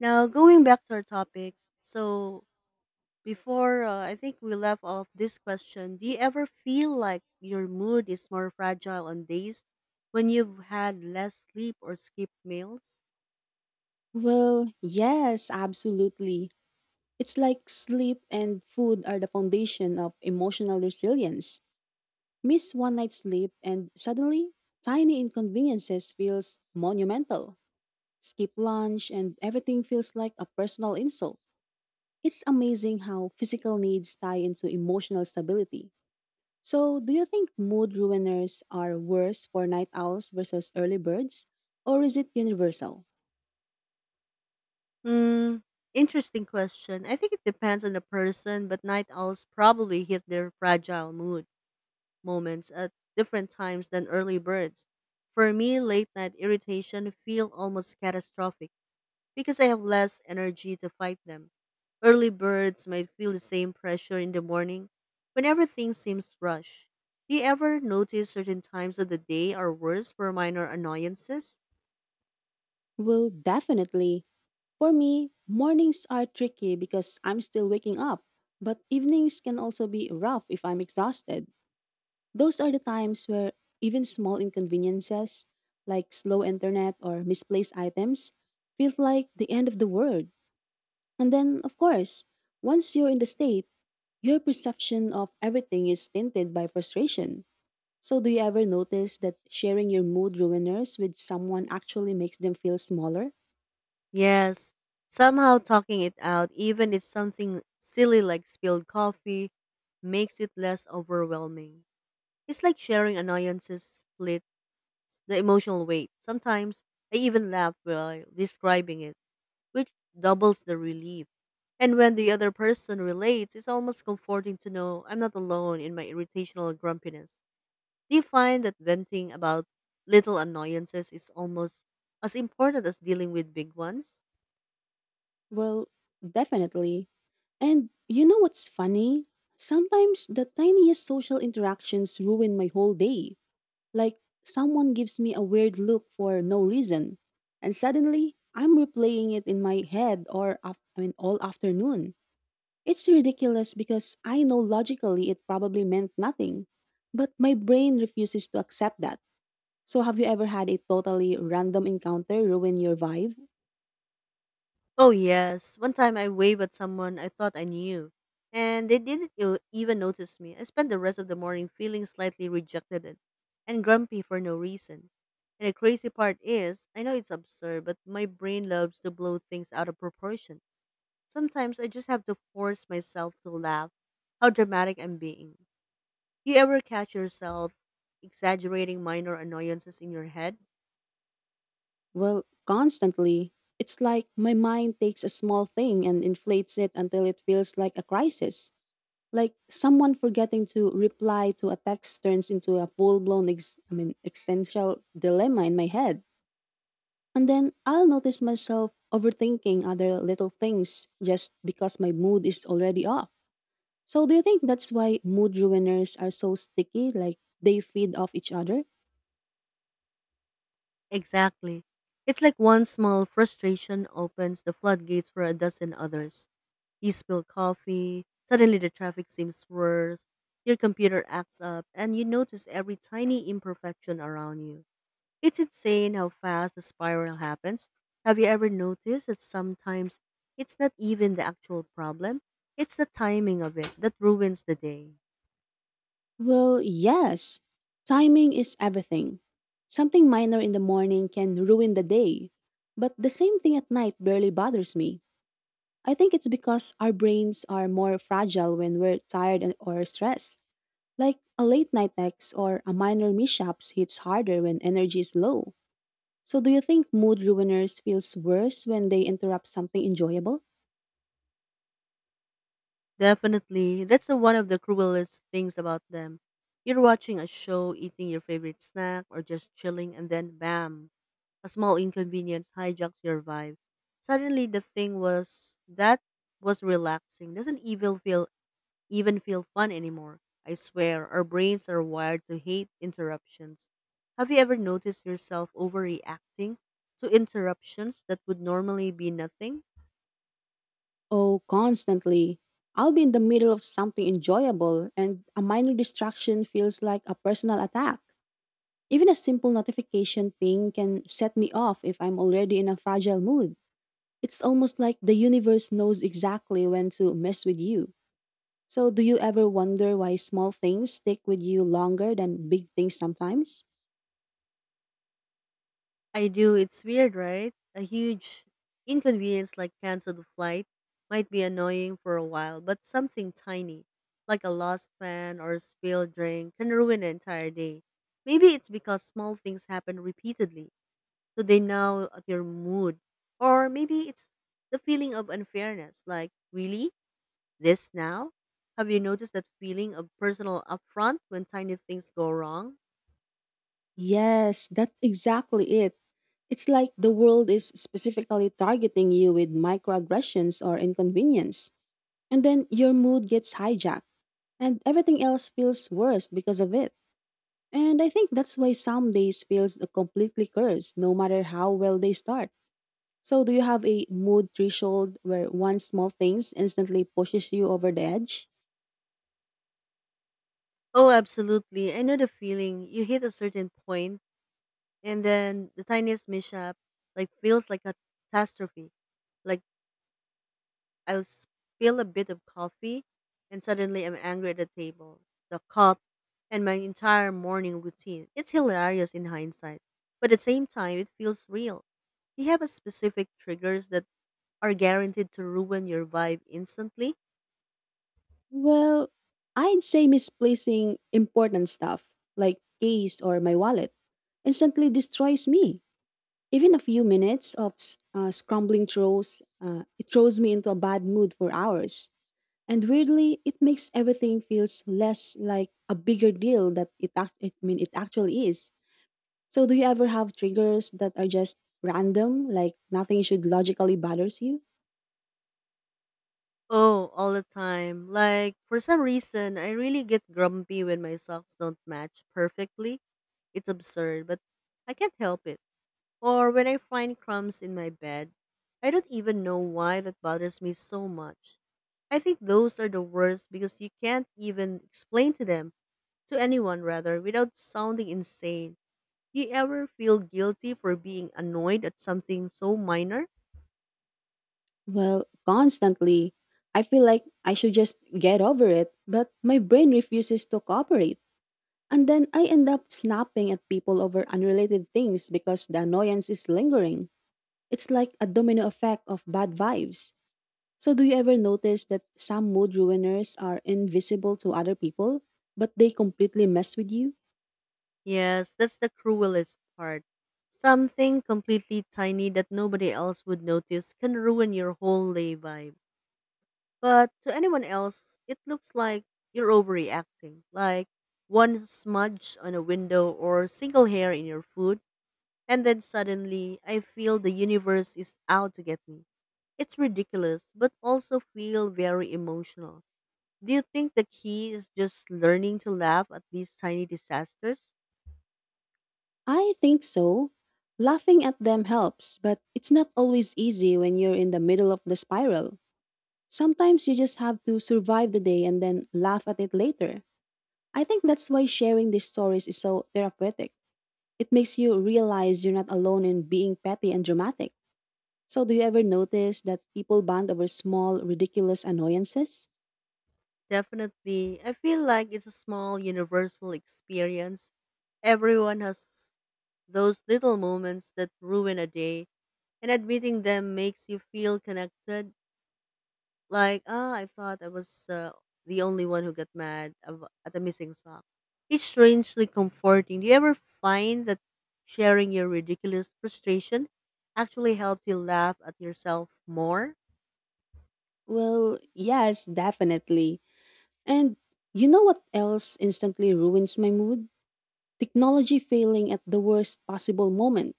Now, going back to our topic, so before I think we left off this question, do you ever feel like your mood is more fragile on days when you've had less sleep or skipped meals? Well, yes, absolutely. It's like sleep and food are the foundation of emotional resilience. Miss one night's sleep and suddenly tiny inconveniences feels monumental. Skip lunch and everything feels like a personal insult. It's amazing how physical needs tie into emotional stability. So, do you think mood ruiners are worse for night owls versus early birds? Or is it universal? Hmm, interesting question. I think it depends on the person, but night owls probably hit their fragile mood moments at different times than early birds. For me, late night irritation feel almost catastrophic because I have less energy to fight them. Early birds might feel the same pressure in the morning when everything seems rushed. Do you ever notice certain times of the day are worse for minor annoyances? Well, definitely. For me, mornings are tricky because I'm still waking up, but evenings can also be rough if I'm exhausted. Those are the times where even small inconveniences, like slow internet or misplaced items, feels like the end of the world. And then, of course, once you're in the state, your perception of everything is tinted by frustration. So, do you ever notice that sharing your mood ruiners with someone actually makes them feel smaller? Yes, somehow talking it out, even if something silly like spilled coffee, makes it less overwhelming. It's like sharing annoyances splits the emotional weight. Sometimes I even laugh while describing it which doubles the relief. And when the other person relates, it's almost comforting to know I'm not alone in my irritational grumpiness. Do you find that venting about little annoyances is almost as important as dealing with big ones? Well, definitely. And you know what's funny? Sometimes the tiniest social interactions ruin my whole day. Like someone gives me a weird look for no reason, and suddenly I'm replaying it in my head or all afternoon. It's ridiculous because I know logically it probably meant nothing, but my brain refuses to accept that. So have you ever had a totally random encounter ruin your vibe? Oh, yes. One time I waved at someone I thought I knew, and they didn't even notice me. I spent the rest of the morning feeling slightly rejected and grumpy for no reason. And the crazy part is, I know it's absurd, but my brain loves to blow things out of proportion. Sometimes I just have to force myself to laugh how dramatic I'm being. Do you ever catch yourself exaggerating minor annoyances in your head? Well, constantly. It's like my mind takes a small thing and inflates it until it feels like a crisis. Like someone forgetting to reply to a text turns into a full-blown existential dilemma in my head. And then I'll notice myself overthinking other little things just because my mood is already off. So do you think that's why mood ruiners are so sticky like they feed off each other? Exactly. It's like one small frustration opens the floodgates for a dozen others. You spill coffee, suddenly the traffic seems worse, your computer acts up, and you notice every tiny imperfection around you. It's insane how fast the spiral happens. Have you ever noticed that sometimes it's not even the actual problem? It's the timing of it that ruins the day. Well, yes. Timing is everything. Something minor in the morning can ruin the day, but the same thing at night barely bothers me. I think it's because our brains are more fragile when we're tired or stressed. Like a late night text or a minor mishap hits harder when energy is low. So, do you think mood ruiners feels worse when they interrupt something enjoyable? Definitely. That's the one of the cruelest things about them. You're watching a show, eating your favorite snack, or just chilling, and then bam, a small inconvenience hijacks your vibe. Suddenly, the thing was that was relaxing doesn't even feel fun anymore. I swear, our brains are wired to hate interruptions. Have you ever noticed yourself overreacting to interruptions that would normally be nothing? Oh, constantly. I'll be in the middle of something enjoyable and a minor distraction feels like a personal attack. Even a simple notification ping can set me off if I'm already in a fragile mood. It's almost like the universe knows exactly when to mess with you. So, do you ever wonder why small things stick with you longer than big things sometimes? I do. It's weird, right? A huge inconvenience like canceled flight might be annoying for a while, but something tiny, like a lost fan or a spilled drink, can ruin an entire day. Maybe it's because small things happen repeatedly, so they gnaw at your mood. Or maybe it's the feeling of unfairness, like, really? This now? Have you noticed that feeling of personal upfront when tiny things go wrong? Yes, that's exactly it. It's like the world is specifically targeting you with microaggressions or inconvenience. And then your mood gets hijacked, and everything else feels worse because of it. And I think that's why some days feels completely cursed, no matter how well they start. So, do you have a mood threshold where one small thing instantly pushes you over the edge? Oh, absolutely. I know the feeling. You hit a certain point and then the tiniest mishap like feels like a catastrophe. Like, I'll spill a bit of coffee and suddenly I'm angry at the table, the cup, and my entire morning routine. It's hilarious in hindsight, but at the same time it feels real. Do you have a specific triggers that are guaranteed to ruin your vibe instantly? Well, I'd say misplacing important stuff, like keys or my wallet, instantly destroys me. Even a few minutes of scrambling it throws me into a bad mood for hours. And weirdly, it makes everything feels less like a bigger deal that it actually is. So do you ever have triggers that are just random, like nothing should logically bothers you? Oh, all the time. Like, for some reason, I really get grumpy when my socks don't match perfectly. It's absurd, but I can't help it. Or when I find crumbs in my bed. I don't even know why that bothers me so much. I think those are the worst because you can't even explain to them, to anyone rather, without sounding insane. Do you ever feel guilty for being annoyed at something so minor? Well, constantly. I feel like I should just get over it, but my brain refuses to cooperate. And then I end up snapping at people over unrelated things because the annoyance is lingering. It's like a domino effect of bad vibes. So, do you ever notice that some mood ruiners are invisible to other people, but they completely mess with you? Yes, that's the cruelest part. Something completely tiny that nobody else would notice can ruin your whole day vibe. But to anyone else, it looks like you're overreacting, like one smudge on a window or single hair in your food, and then suddenly I feel the universe is out to get me. It's ridiculous, but also feel very emotional. Do you think the key is just learning to laugh at these tiny disasters? I think so. Laughing at them helps, but it's not always easy when you're in the middle of the spiral. Sometimes you just have to survive the day and then laugh at it later. I think that's why sharing these stories is so therapeutic. It makes you realize you're not alone in being petty and dramatic. So, do you ever notice that people bond over small, ridiculous annoyances? Definitely. I feel like it's a small universal experience. Everyone has those little moments that ruin a day, and admitting them makes you feel connected. Like, ah, I thought I was the only one who got mad at a missing sock. It's strangely comforting. Do you ever find that sharing your ridiculous frustration actually helps you laugh at yourself more? Well, yes, definitely. And you know what else instantly ruins my mood? Technology failing at the worst possible moment.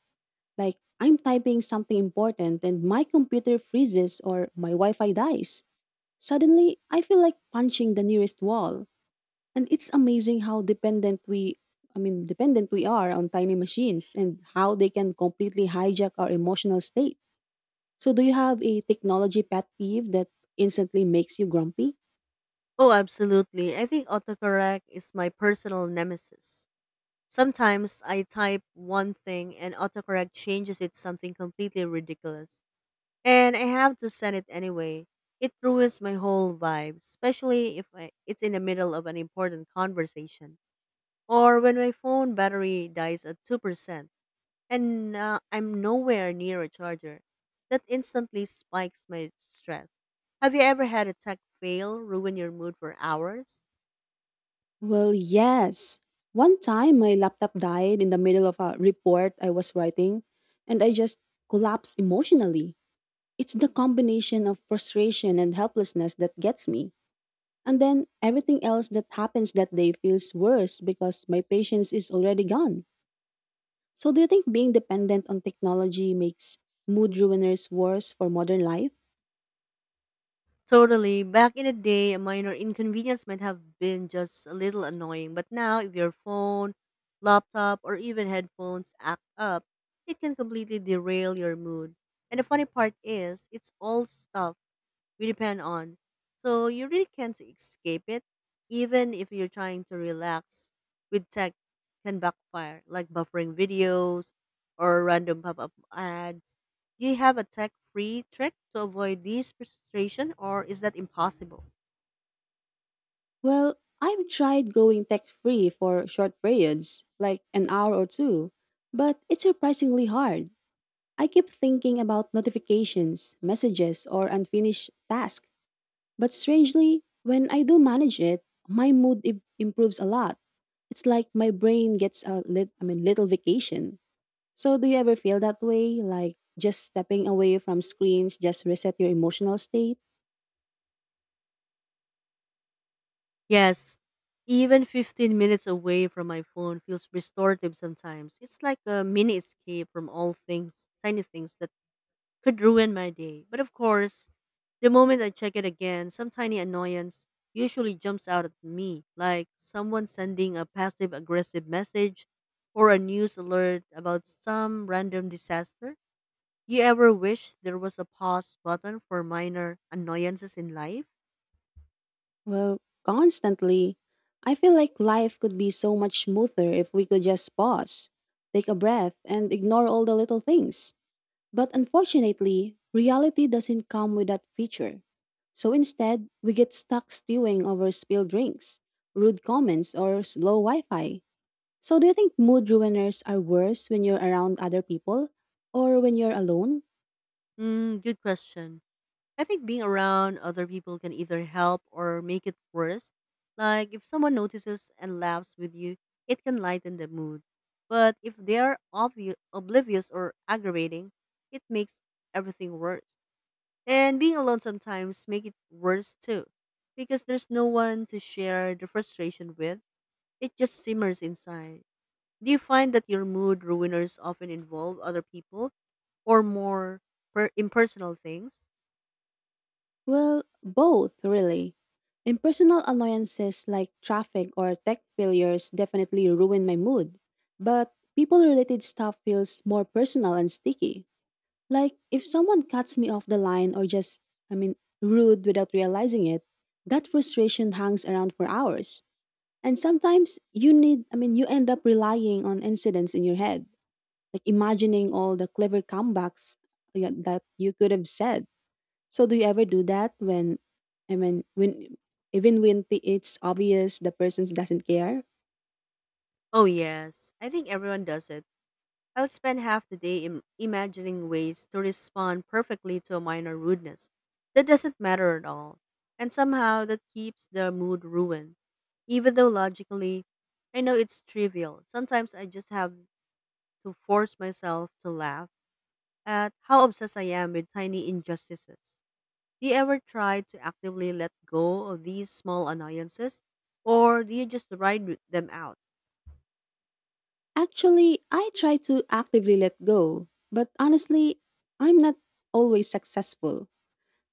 Like, I'm typing something important and my computer freezes or my Wi Fi dies. Suddenly, I feel like punching the nearest wall. And it's amazing how dependent we are on tiny machines and how they can completely hijack our emotional state. So do you have a technology pet peeve that instantly makes you grumpy? Oh, absolutely. I think autocorrect is my personal nemesis. Sometimes I type one thing and autocorrect changes it something completely ridiculous. And I have to send it anyway. It ruins my whole vibe, especially if I, it's in the middle of an important conversation or when my phone battery dies at 2% and I'm nowhere near a charger. That instantly spikes my stress. Have you ever had a tech fail ruin your mood for hours? Well, yes. One time my laptop died in the middle of a report I was writing, and I just collapsed emotionally. It's the combination of frustration and helplessness that gets me. And then everything else that happens that day feels worse because my patience is already gone. So, do you think being dependent on technology makes mood ruiners worse for modern life? Totally. Back in the day, a minor inconvenience might have been just a little annoying, but now if your phone, laptop, or even headphones act up, it can completely derail your mood. And the funny part is, it's all stuff we depend on. So you really can't escape it, even if you're trying to relax. With tech, can backfire, like buffering videos or random pop-up ads. Do you have a tech-free trick to avoid these frustration, or is that impossible? Well, I've tried going tech free for short periods, like an hour or two, but it's surprisingly hard. I keep thinking about notifications, messages, or unfinished tasks, but strangely, when I do manage it, my mood improves a lot. It's like my brain gets a little vacation. So, do you ever feel that way? Like just stepping away from screens just reset your emotional state? Yes, even 15 minutes away from my phone feels restorative sometimes. It's like a mini escape from all things, tiny things that could ruin my day. But of course, the moment I check it again, some tiny annoyance usually jumps out at me, like someone sending a passive aggressive message or a news alert about some random disaster. You ever wish there was a pause button for minor annoyances in life? Well, constantly. I feel like life could be so much smoother if we could just pause, take a breath, and ignore all the little things. But unfortunately, reality doesn't come with that feature. So instead, we get stuck stewing over spilled drinks, rude comments, or slow Wi Fi. So do you think mood ruiners are worse when you're around other people or when you're alone? Mm, good question. I think being around other people can either help or make it worse. Like if someone notices and laughs with you, it can lighten the mood. But if they are obvious, oblivious or aggravating, it makes everything worse. And being alone sometimes make it worse too, because there's no one to share the frustration with. It just simmers inside. Do you find that your mood ruiners often involve other people or more impersonal things? Well, both, really. Impersonal annoyances like traffic or tech failures definitely ruin my mood, but people related stuff feels more personal and sticky. Like, if someone cuts me off the line or I mean, rude without realizing it, that frustration hangs around for hours. And sometimes you need, I mean, you end up relying on incidents in your head, like imagining all the clever comebacks yeah, that you could have said. So, do you ever do that when, I mean, when even when the- it's obvious the person doesn't care? Oh, yes. I think everyone does it. I'll spend half the day imagining ways to respond perfectly to a minor rudeness that doesn't matter at all. And somehow that keeps the mood ruined. Even though logically, I know it's trivial. Sometimes I just have to force myself to laugh at how obsessed I am with tiny injustices. Do you ever try to actively let go of these small annoyances, or do you just ride with them out? Actually, I try to actively let go, but honestly, I'm not always successful.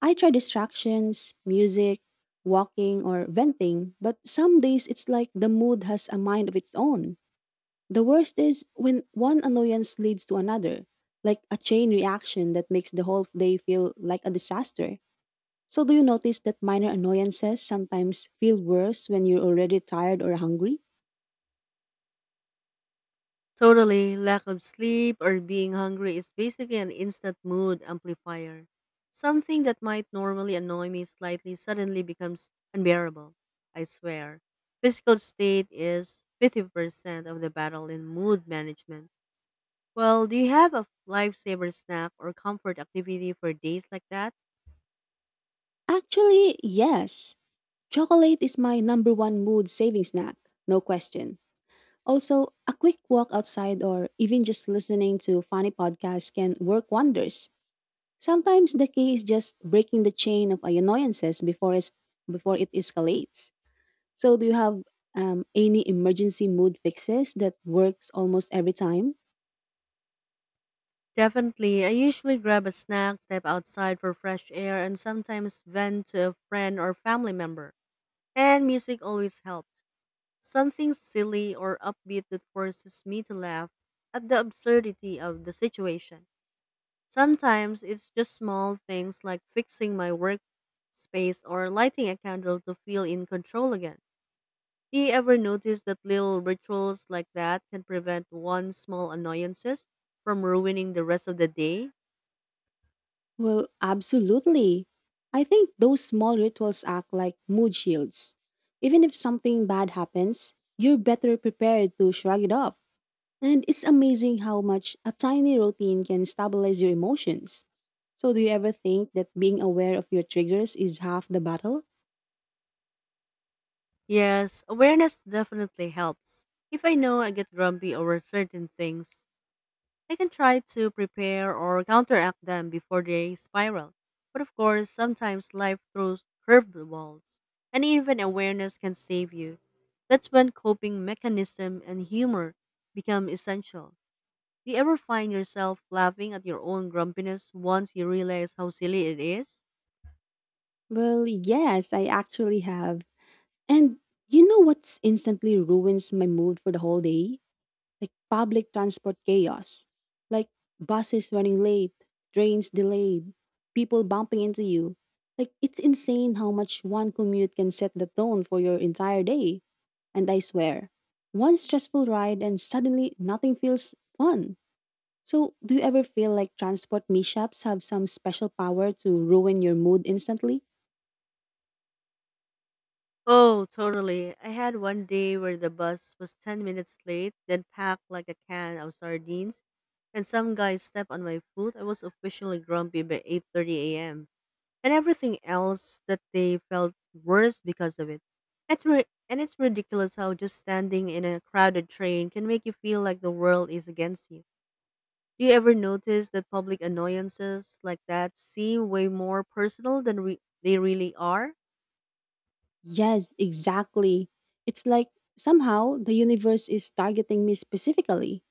I try distractions, music, walking, or venting, but some days it's like the mood has a mind of its own. The worst is when one annoyance leads to another, like a chain reaction that makes the whole day feel like a disaster. So, do you notice that minor annoyances sometimes feel worse when you're already tired or hungry? Totally. Lack of sleep or being hungry is basically an instant mood amplifier. Something that might normally annoy me slightly suddenly becomes unbearable. I swear. Physical state is 50% of the battle in mood management. Well, do you have a lifesaver snack or comfort activity for days like that? Actually, yes. Chocolate is my number one mood saving snack, no question. Also, a quick walk outside or even just listening to funny podcasts can work wonders. Sometimes the key is just breaking the chain of annoyances before it escalates. So, do you have any emergency mood fixes that works almost every time? Definitely. I usually grab a snack, step outside for fresh air, and sometimes vent to a friend or family member. And music always helps. Something silly or upbeat that forces me to laugh at the absurdity of the situation. Sometimes it's just small things like fixing my workspace or lighting a candle to feel in control again. Do you ever notice that little rituals like that can prevent one small annoyances from ruining the rest of the day? Well, absolutely. I think those small rituals act like mood shields. Even if something bad happens, you're better prepared to shrug it off. And it's amazing how much a tiny routine can stabilize your emotions. So, do you ever think that being aware of your triggers is half the battle? Yes, awareness definitely helps. If I know I get grumpy over certain things, I can try to prepare or counteract them before they spiral. But of course, sometimes life throws curveballs, and even awareness can save you. That's when coping mechanism and humor become essential. Do you ever find yourself laughing at your own grumpiness once you realize how silly it is? Well, yes, I actually have. And you know what's instantly ruins my mood for the whole day? Like public transport chaos, like buses running late, trains delayed, people bumping into you. Like it's insane how much one commute can set the tone for your entire day. And I swear, one stressful ride and suddenly nothing feels fun. So, do you ever feel like transport mishaps have some special power to ruin your mood instantly? Oh, totally. I had one day where the bus was 10 minutes late, then packed like a can of sardines, and some guy stepped on my foot. I was officially grumpy by 8:30 a.m. and everything else that day felt worse because of it. It's ri- and it's ridiculous how just standing in a crowded train can make you feel like the world is against you. Do you ever notice that public annoyances like that seem way more personal than they really are? Yes, exactly. It's like somehow the universe is targeting me specifically.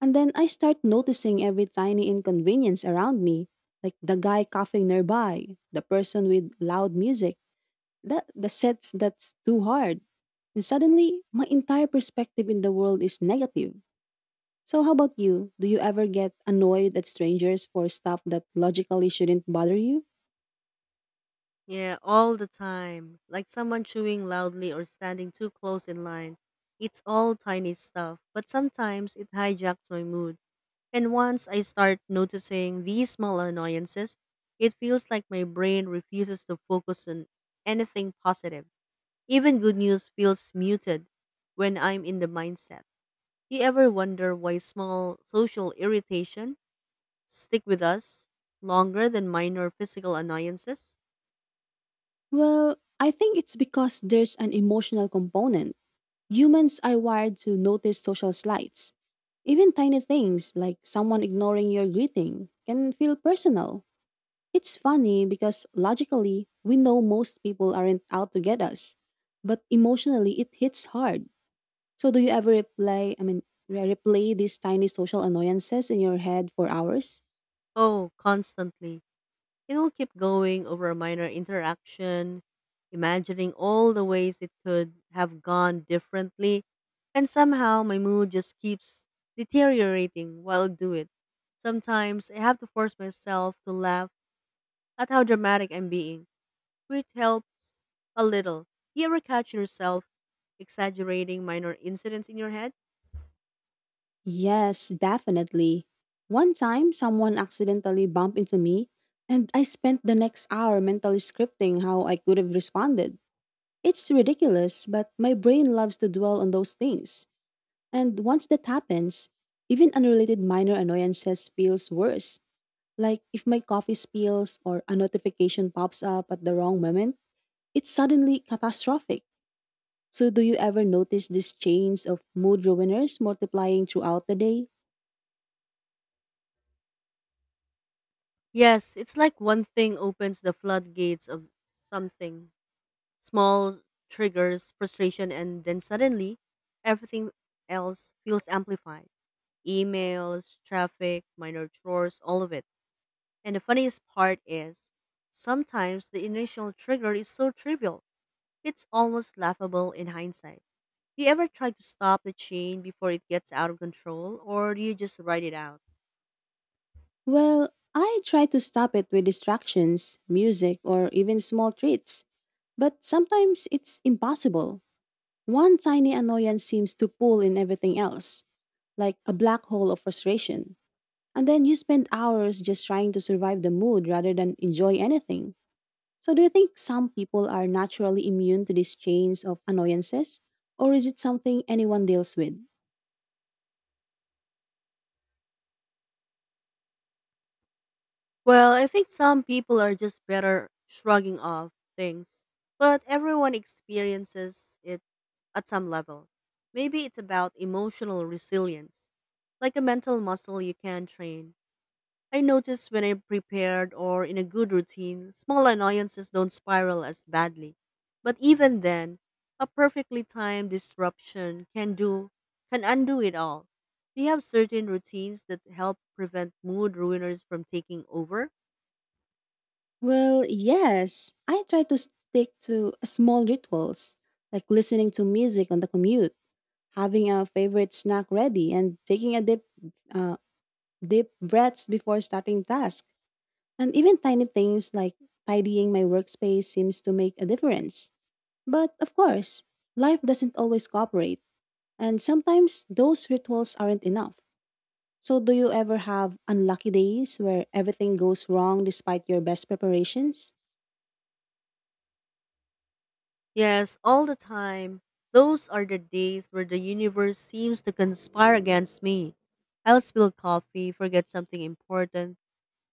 And then I start noticing every tiny inconvenience around me, like the guy coughing nearby, the person with loud music, the sets that's too hard. And suddenly, my entire perspective in the world is negative. So, how about you? Do you ever get annoyed at strangers for stuff that logically shouldn't bother you? Yeah, all the time. Like someone chewing loudly or standing too close in line. It's all tiny stuff, but sometimes it hijacks my mood. And once I start noticing these small annoyances, it feels like my brain refuses to focus on anything positive. Even good news feels muted when I'm in the mindset. Do you ever wonder why small social irritation stick with us longer than minor physical annoyances? Well, I think it's because there's an emotional component. Humans are wired to notice social slights. Even tiny things like someone ignoring your greeting can feel personal. It's funny because logically, we know most people aren't out to get us, but emotionally it hits hard. So do you ever replay, I mean, re- replay these tiny social annoyances in your head for hours? Oh, constantly. It'll keep going over a minor interaction, imagining all the ways it could have gone differently, and somehow my mood just keeps deteriorating while I do it. Sometimes I have to force myself to laugh at how dramatic I'm being, which helps a little. You ever catch yourself exaggerating minor incidents in your head? Yes, definitely. One time someone accidentally bumped into me and I spent the next hour mentally scripting how I could have responded. It's ridiculous, but my brain loves to dwell on those things. And once that happens, even unrelated minor annoyances feels worse. Like if my coffee spills or a notification pops up at the wrong moment, it's suddenly catastrophic. So do you ever notice these chains of mood ruiners multiplying throughout the day? Yes, it's like one thing opens the floodgates of something. Small triggers frustration, and then suddenly everything else feels amplified: emails, traffic, minor chores, all of it. And the funniest part is sometimes the initial trigger is so trivial, it's almost laughable in hindsight. Do you ever try to stop the chain before it gets out of control, or do you just ride it out? Well, I try to stop it with distractions, music, or even small treats. But sometimes it's impossible. One tiny annoyance seems to pull in everything else, like a black hole of frustration. And then you spend hours just trying to survive the mood rather than enjoy anything. So, do you think some people are naturally immune to these chains of annoyances? Or is it something anyone deals with? Well, I think some people are just better shrugging off things, but everyone experiences it at some level. Maybe it's about emotional resilience, like a mental muscle you can train. I notice when I'm prepared or in a good routine, small annoyances don't spiral as badly. But even then, a perfectly timed disruption can undo it all. Do you have certain routines that help prevent mood ruiners from taking over? Well, yes. I try to stick to small rituals, like listening to music on the commute, having a favorite snack ready, and taking a deep, uh, deep breaths before starting task. And even tiny things like tidying my workspace seems to make a difference. But of course, life doesn't always cooperate, and sometimes those rituals aren't enough. So, do you ever have unlucky days where everything goes wrong despite your best preparations? Yes, all the time. Those are the days where the universe seems to conspire against me. I'll spill coffee, forget something important,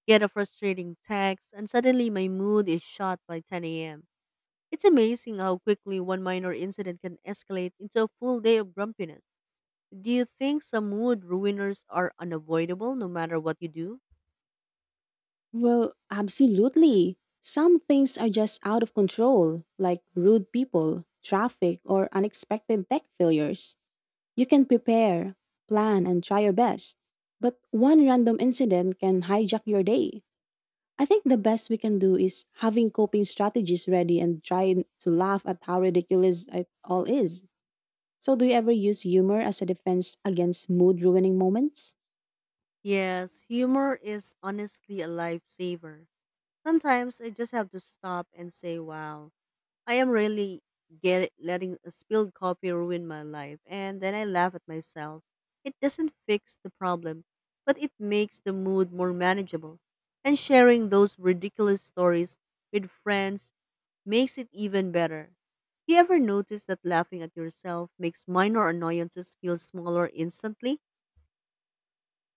get a frustrating text, and suddenly my mood is shot by 10 a.m. It's amazing how quickly one minor incident can escalate into a full day of grumpiness. Do you think some mood ruiners are unavoidable no matter what you do? Well, absolutely. Some things are just out of control, like rude people, traffic, or unexpected tech failures. You can prepare, plan, and try your best, but one random incident can hijack your day. I think the best we can do is having coping strategies ready and trying to laugh at how ridiculous it all is. So, do you ever use humor as a defense against mood ruining moments? Yes, humor is honestly a lifesaver. Sometimes I just have to stop and say, wow. I am really get letting a spilled coffee ruin my life, and then I laugh at myself. It doesn't fix the problem, but it makes the mood more manageable. And sharing those ridiculous stories with friends makes it even better. Do you ever notice that laughing at yourself makes minor annoyances feel smaller instantly?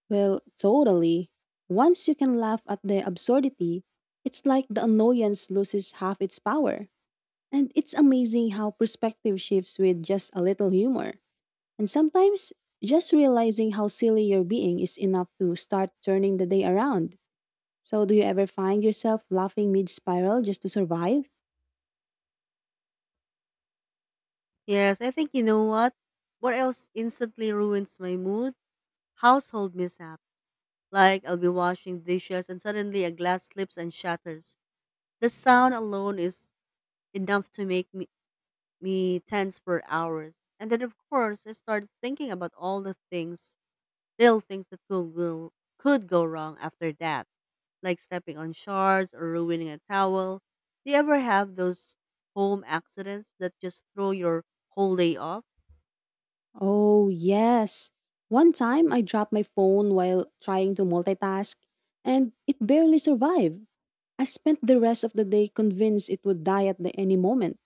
Well, totally. Once you can laugh at the absurdity, it's like the annoyance loses half its power. And it's amazing how perspective shifts with just a little humor. And sometimes just realizing how silly you're being is enough to start turning the day around. So, do you ever find yourself laughing mid spiral just to survive? Yes, I think you know what? What else instantly ruins my mood? Household mishaps. Like I'll be washing dishes and suddenly a glass slips and shatters. The sound alone is enough to make me tense for hours. And then of course I start thinking about all the little things that could go wrong after that, like stepping on shards or ruining a towel. Do you ever have those home accidents that just throw your whole day off? Oh, yes. One time I dropped my phone while trying to multitask and it barely survived. I spent the rest of the day convinced it would die at the, any moment.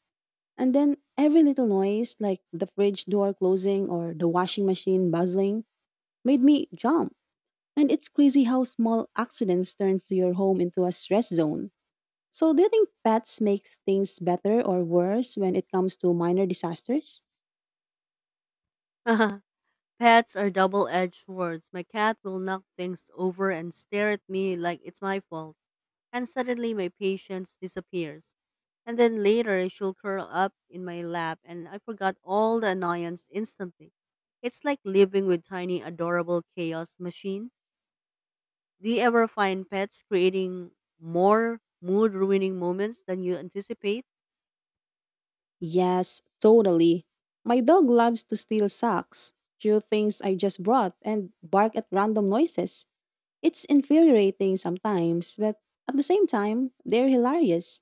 And then every little noise, like the fridge door closing or the washing machine buzzing, made me jump. And it's crazy how small accidents turns your home into a stress zone. So do you think pets makes things better or worse when it comes to minor disasters? Pets are double edged swords. My cat will knock things over and stare at me like it's my fault, and suddenly my patience disappears. And then later she'll curl up in my lap and I forgot all the annoyance instantly. It's like living with tiny adorable chaos machine. Do you ever find pets creating more mood ruining moments than you anticipate? Yes, totally. My dog loves to steal socks, chew things I just brought, and bark at random noises. It's infuriating sometimes, but at the same time, they're hilarious.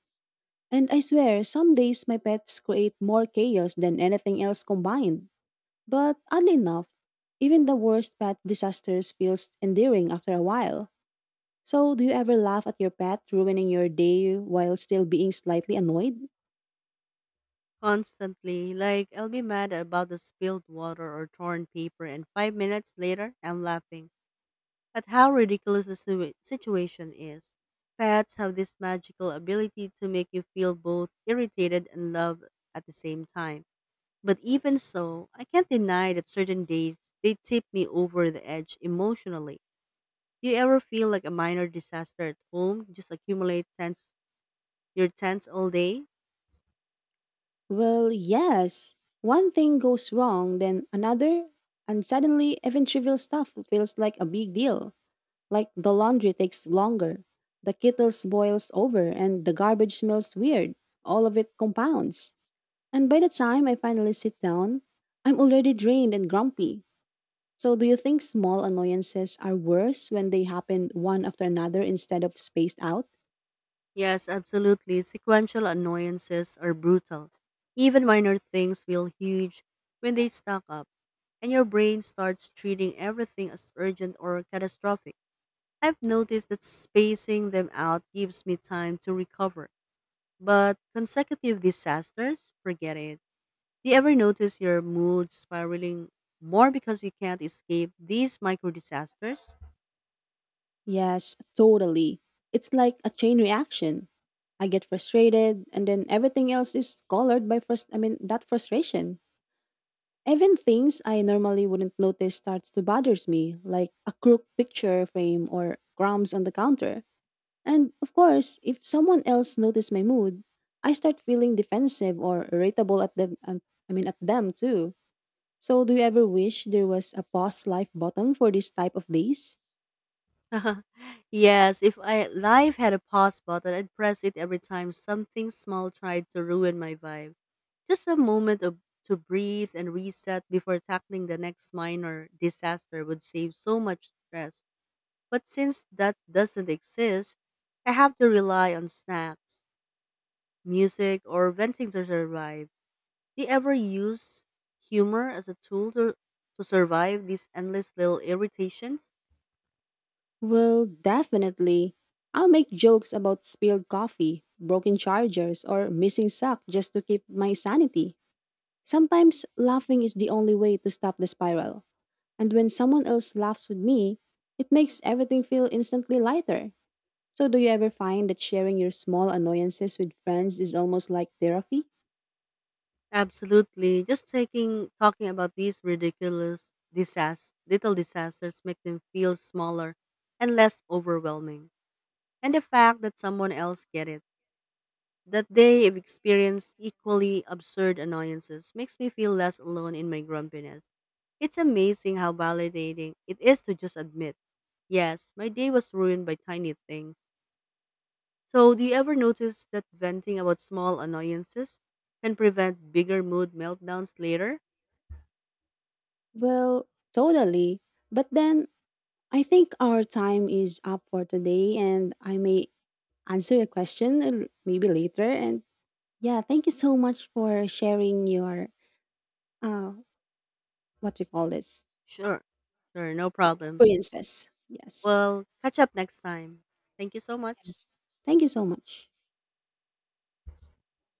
And I swear, some days my pets create more chaos than anything else combined. But oddly enough, even the worst pet disasters feels endearing after a while. So, do you ever laugh at your pet ruining your day while still being slightly annoyed? Constantly, like I'll be mad about the spilled water or torn paper and 5 minutes later I'm laughing at how ridiculous the situation is. Pets have this magical ability to make you feel both irritated and loved at the same time. But even so, I can't deny that certain days they tip me over the edge emotionally. Do you ever feel like a minor disaster at home, just accumulate tense your tense all day? Well, yes. One thing goes wrong, then another, and suddenly even trivial stuff feels like a big deal. Like the laundry takes longer, the kettle boils over, and the garbage smells weird. All of it compounds. And by the time I finally sit down, I'm already drained and grumpy. So, do you think small annoyances are worse when they happen one after another instead of spaced out? Yes, absolutely. Sequential annoyances are brutal. Even minor things feel huge when they stack up, and your brain starts treating everything as urgent or catastrophic. I've noticed that spacing them out gives me time to recover, but consecutive disasters, forget it. Do you ever notice your mood spiraling more because you can't escape these micro disasters? Yes, totally. It's like a chain reaction. I get frustrated, and then everything else is colored by that frustration. Even things I normally wouldn't notice starts to bothers me, like a crooked picture frame or crumbs on the counter. And of course, if someone else notices my mood, I start feeling defensive or irritable at them. At them too. So, do you ever wish there was a pause life button for this type of days? Yes, if I life had a pause button, I'd press it every time something small tried to ruin my vibe. Just a moment of to breathe and reset before tackling the next minor disaster would save so much stress. But since that doesn't exist, I have to rely on snacks, music, or venting to survive. Do you ever use humor as a tool to survive these endless little irritations? Well, definitely. I'll make jokes about spilled coffee, broken chargers, or missing sock just to keep my sanity. Sometimes laughing is the only way to stop the spiral. And when someone else laughs with me, it makes everything feel instantly lighter. So, do you ever find that sharing your small annoyances with friends is almost like therapy? Absolutely. Just taking talking about these ridiculous disas little disasters make them feel smaller and less overwhelming. And the fact that someone else get it, that they have experienced equally absurd annoyances makes me feel less alone in my grumpiness. It's amazing how validating it is to just admit, yes, my day was ruined by tiny things. So do you ever notice that venting about small annoyances can prevent bigger mood meltdowns later? Well, totally. But then I think our time is up for today, and I may answer a question maybe later. And yeah, thank you so much for sharing your uh, what we call this Sure. Sure, no yeah, problem. experiences. Yes, We'll catch up next time. Thank you so much. yes, thank you so much.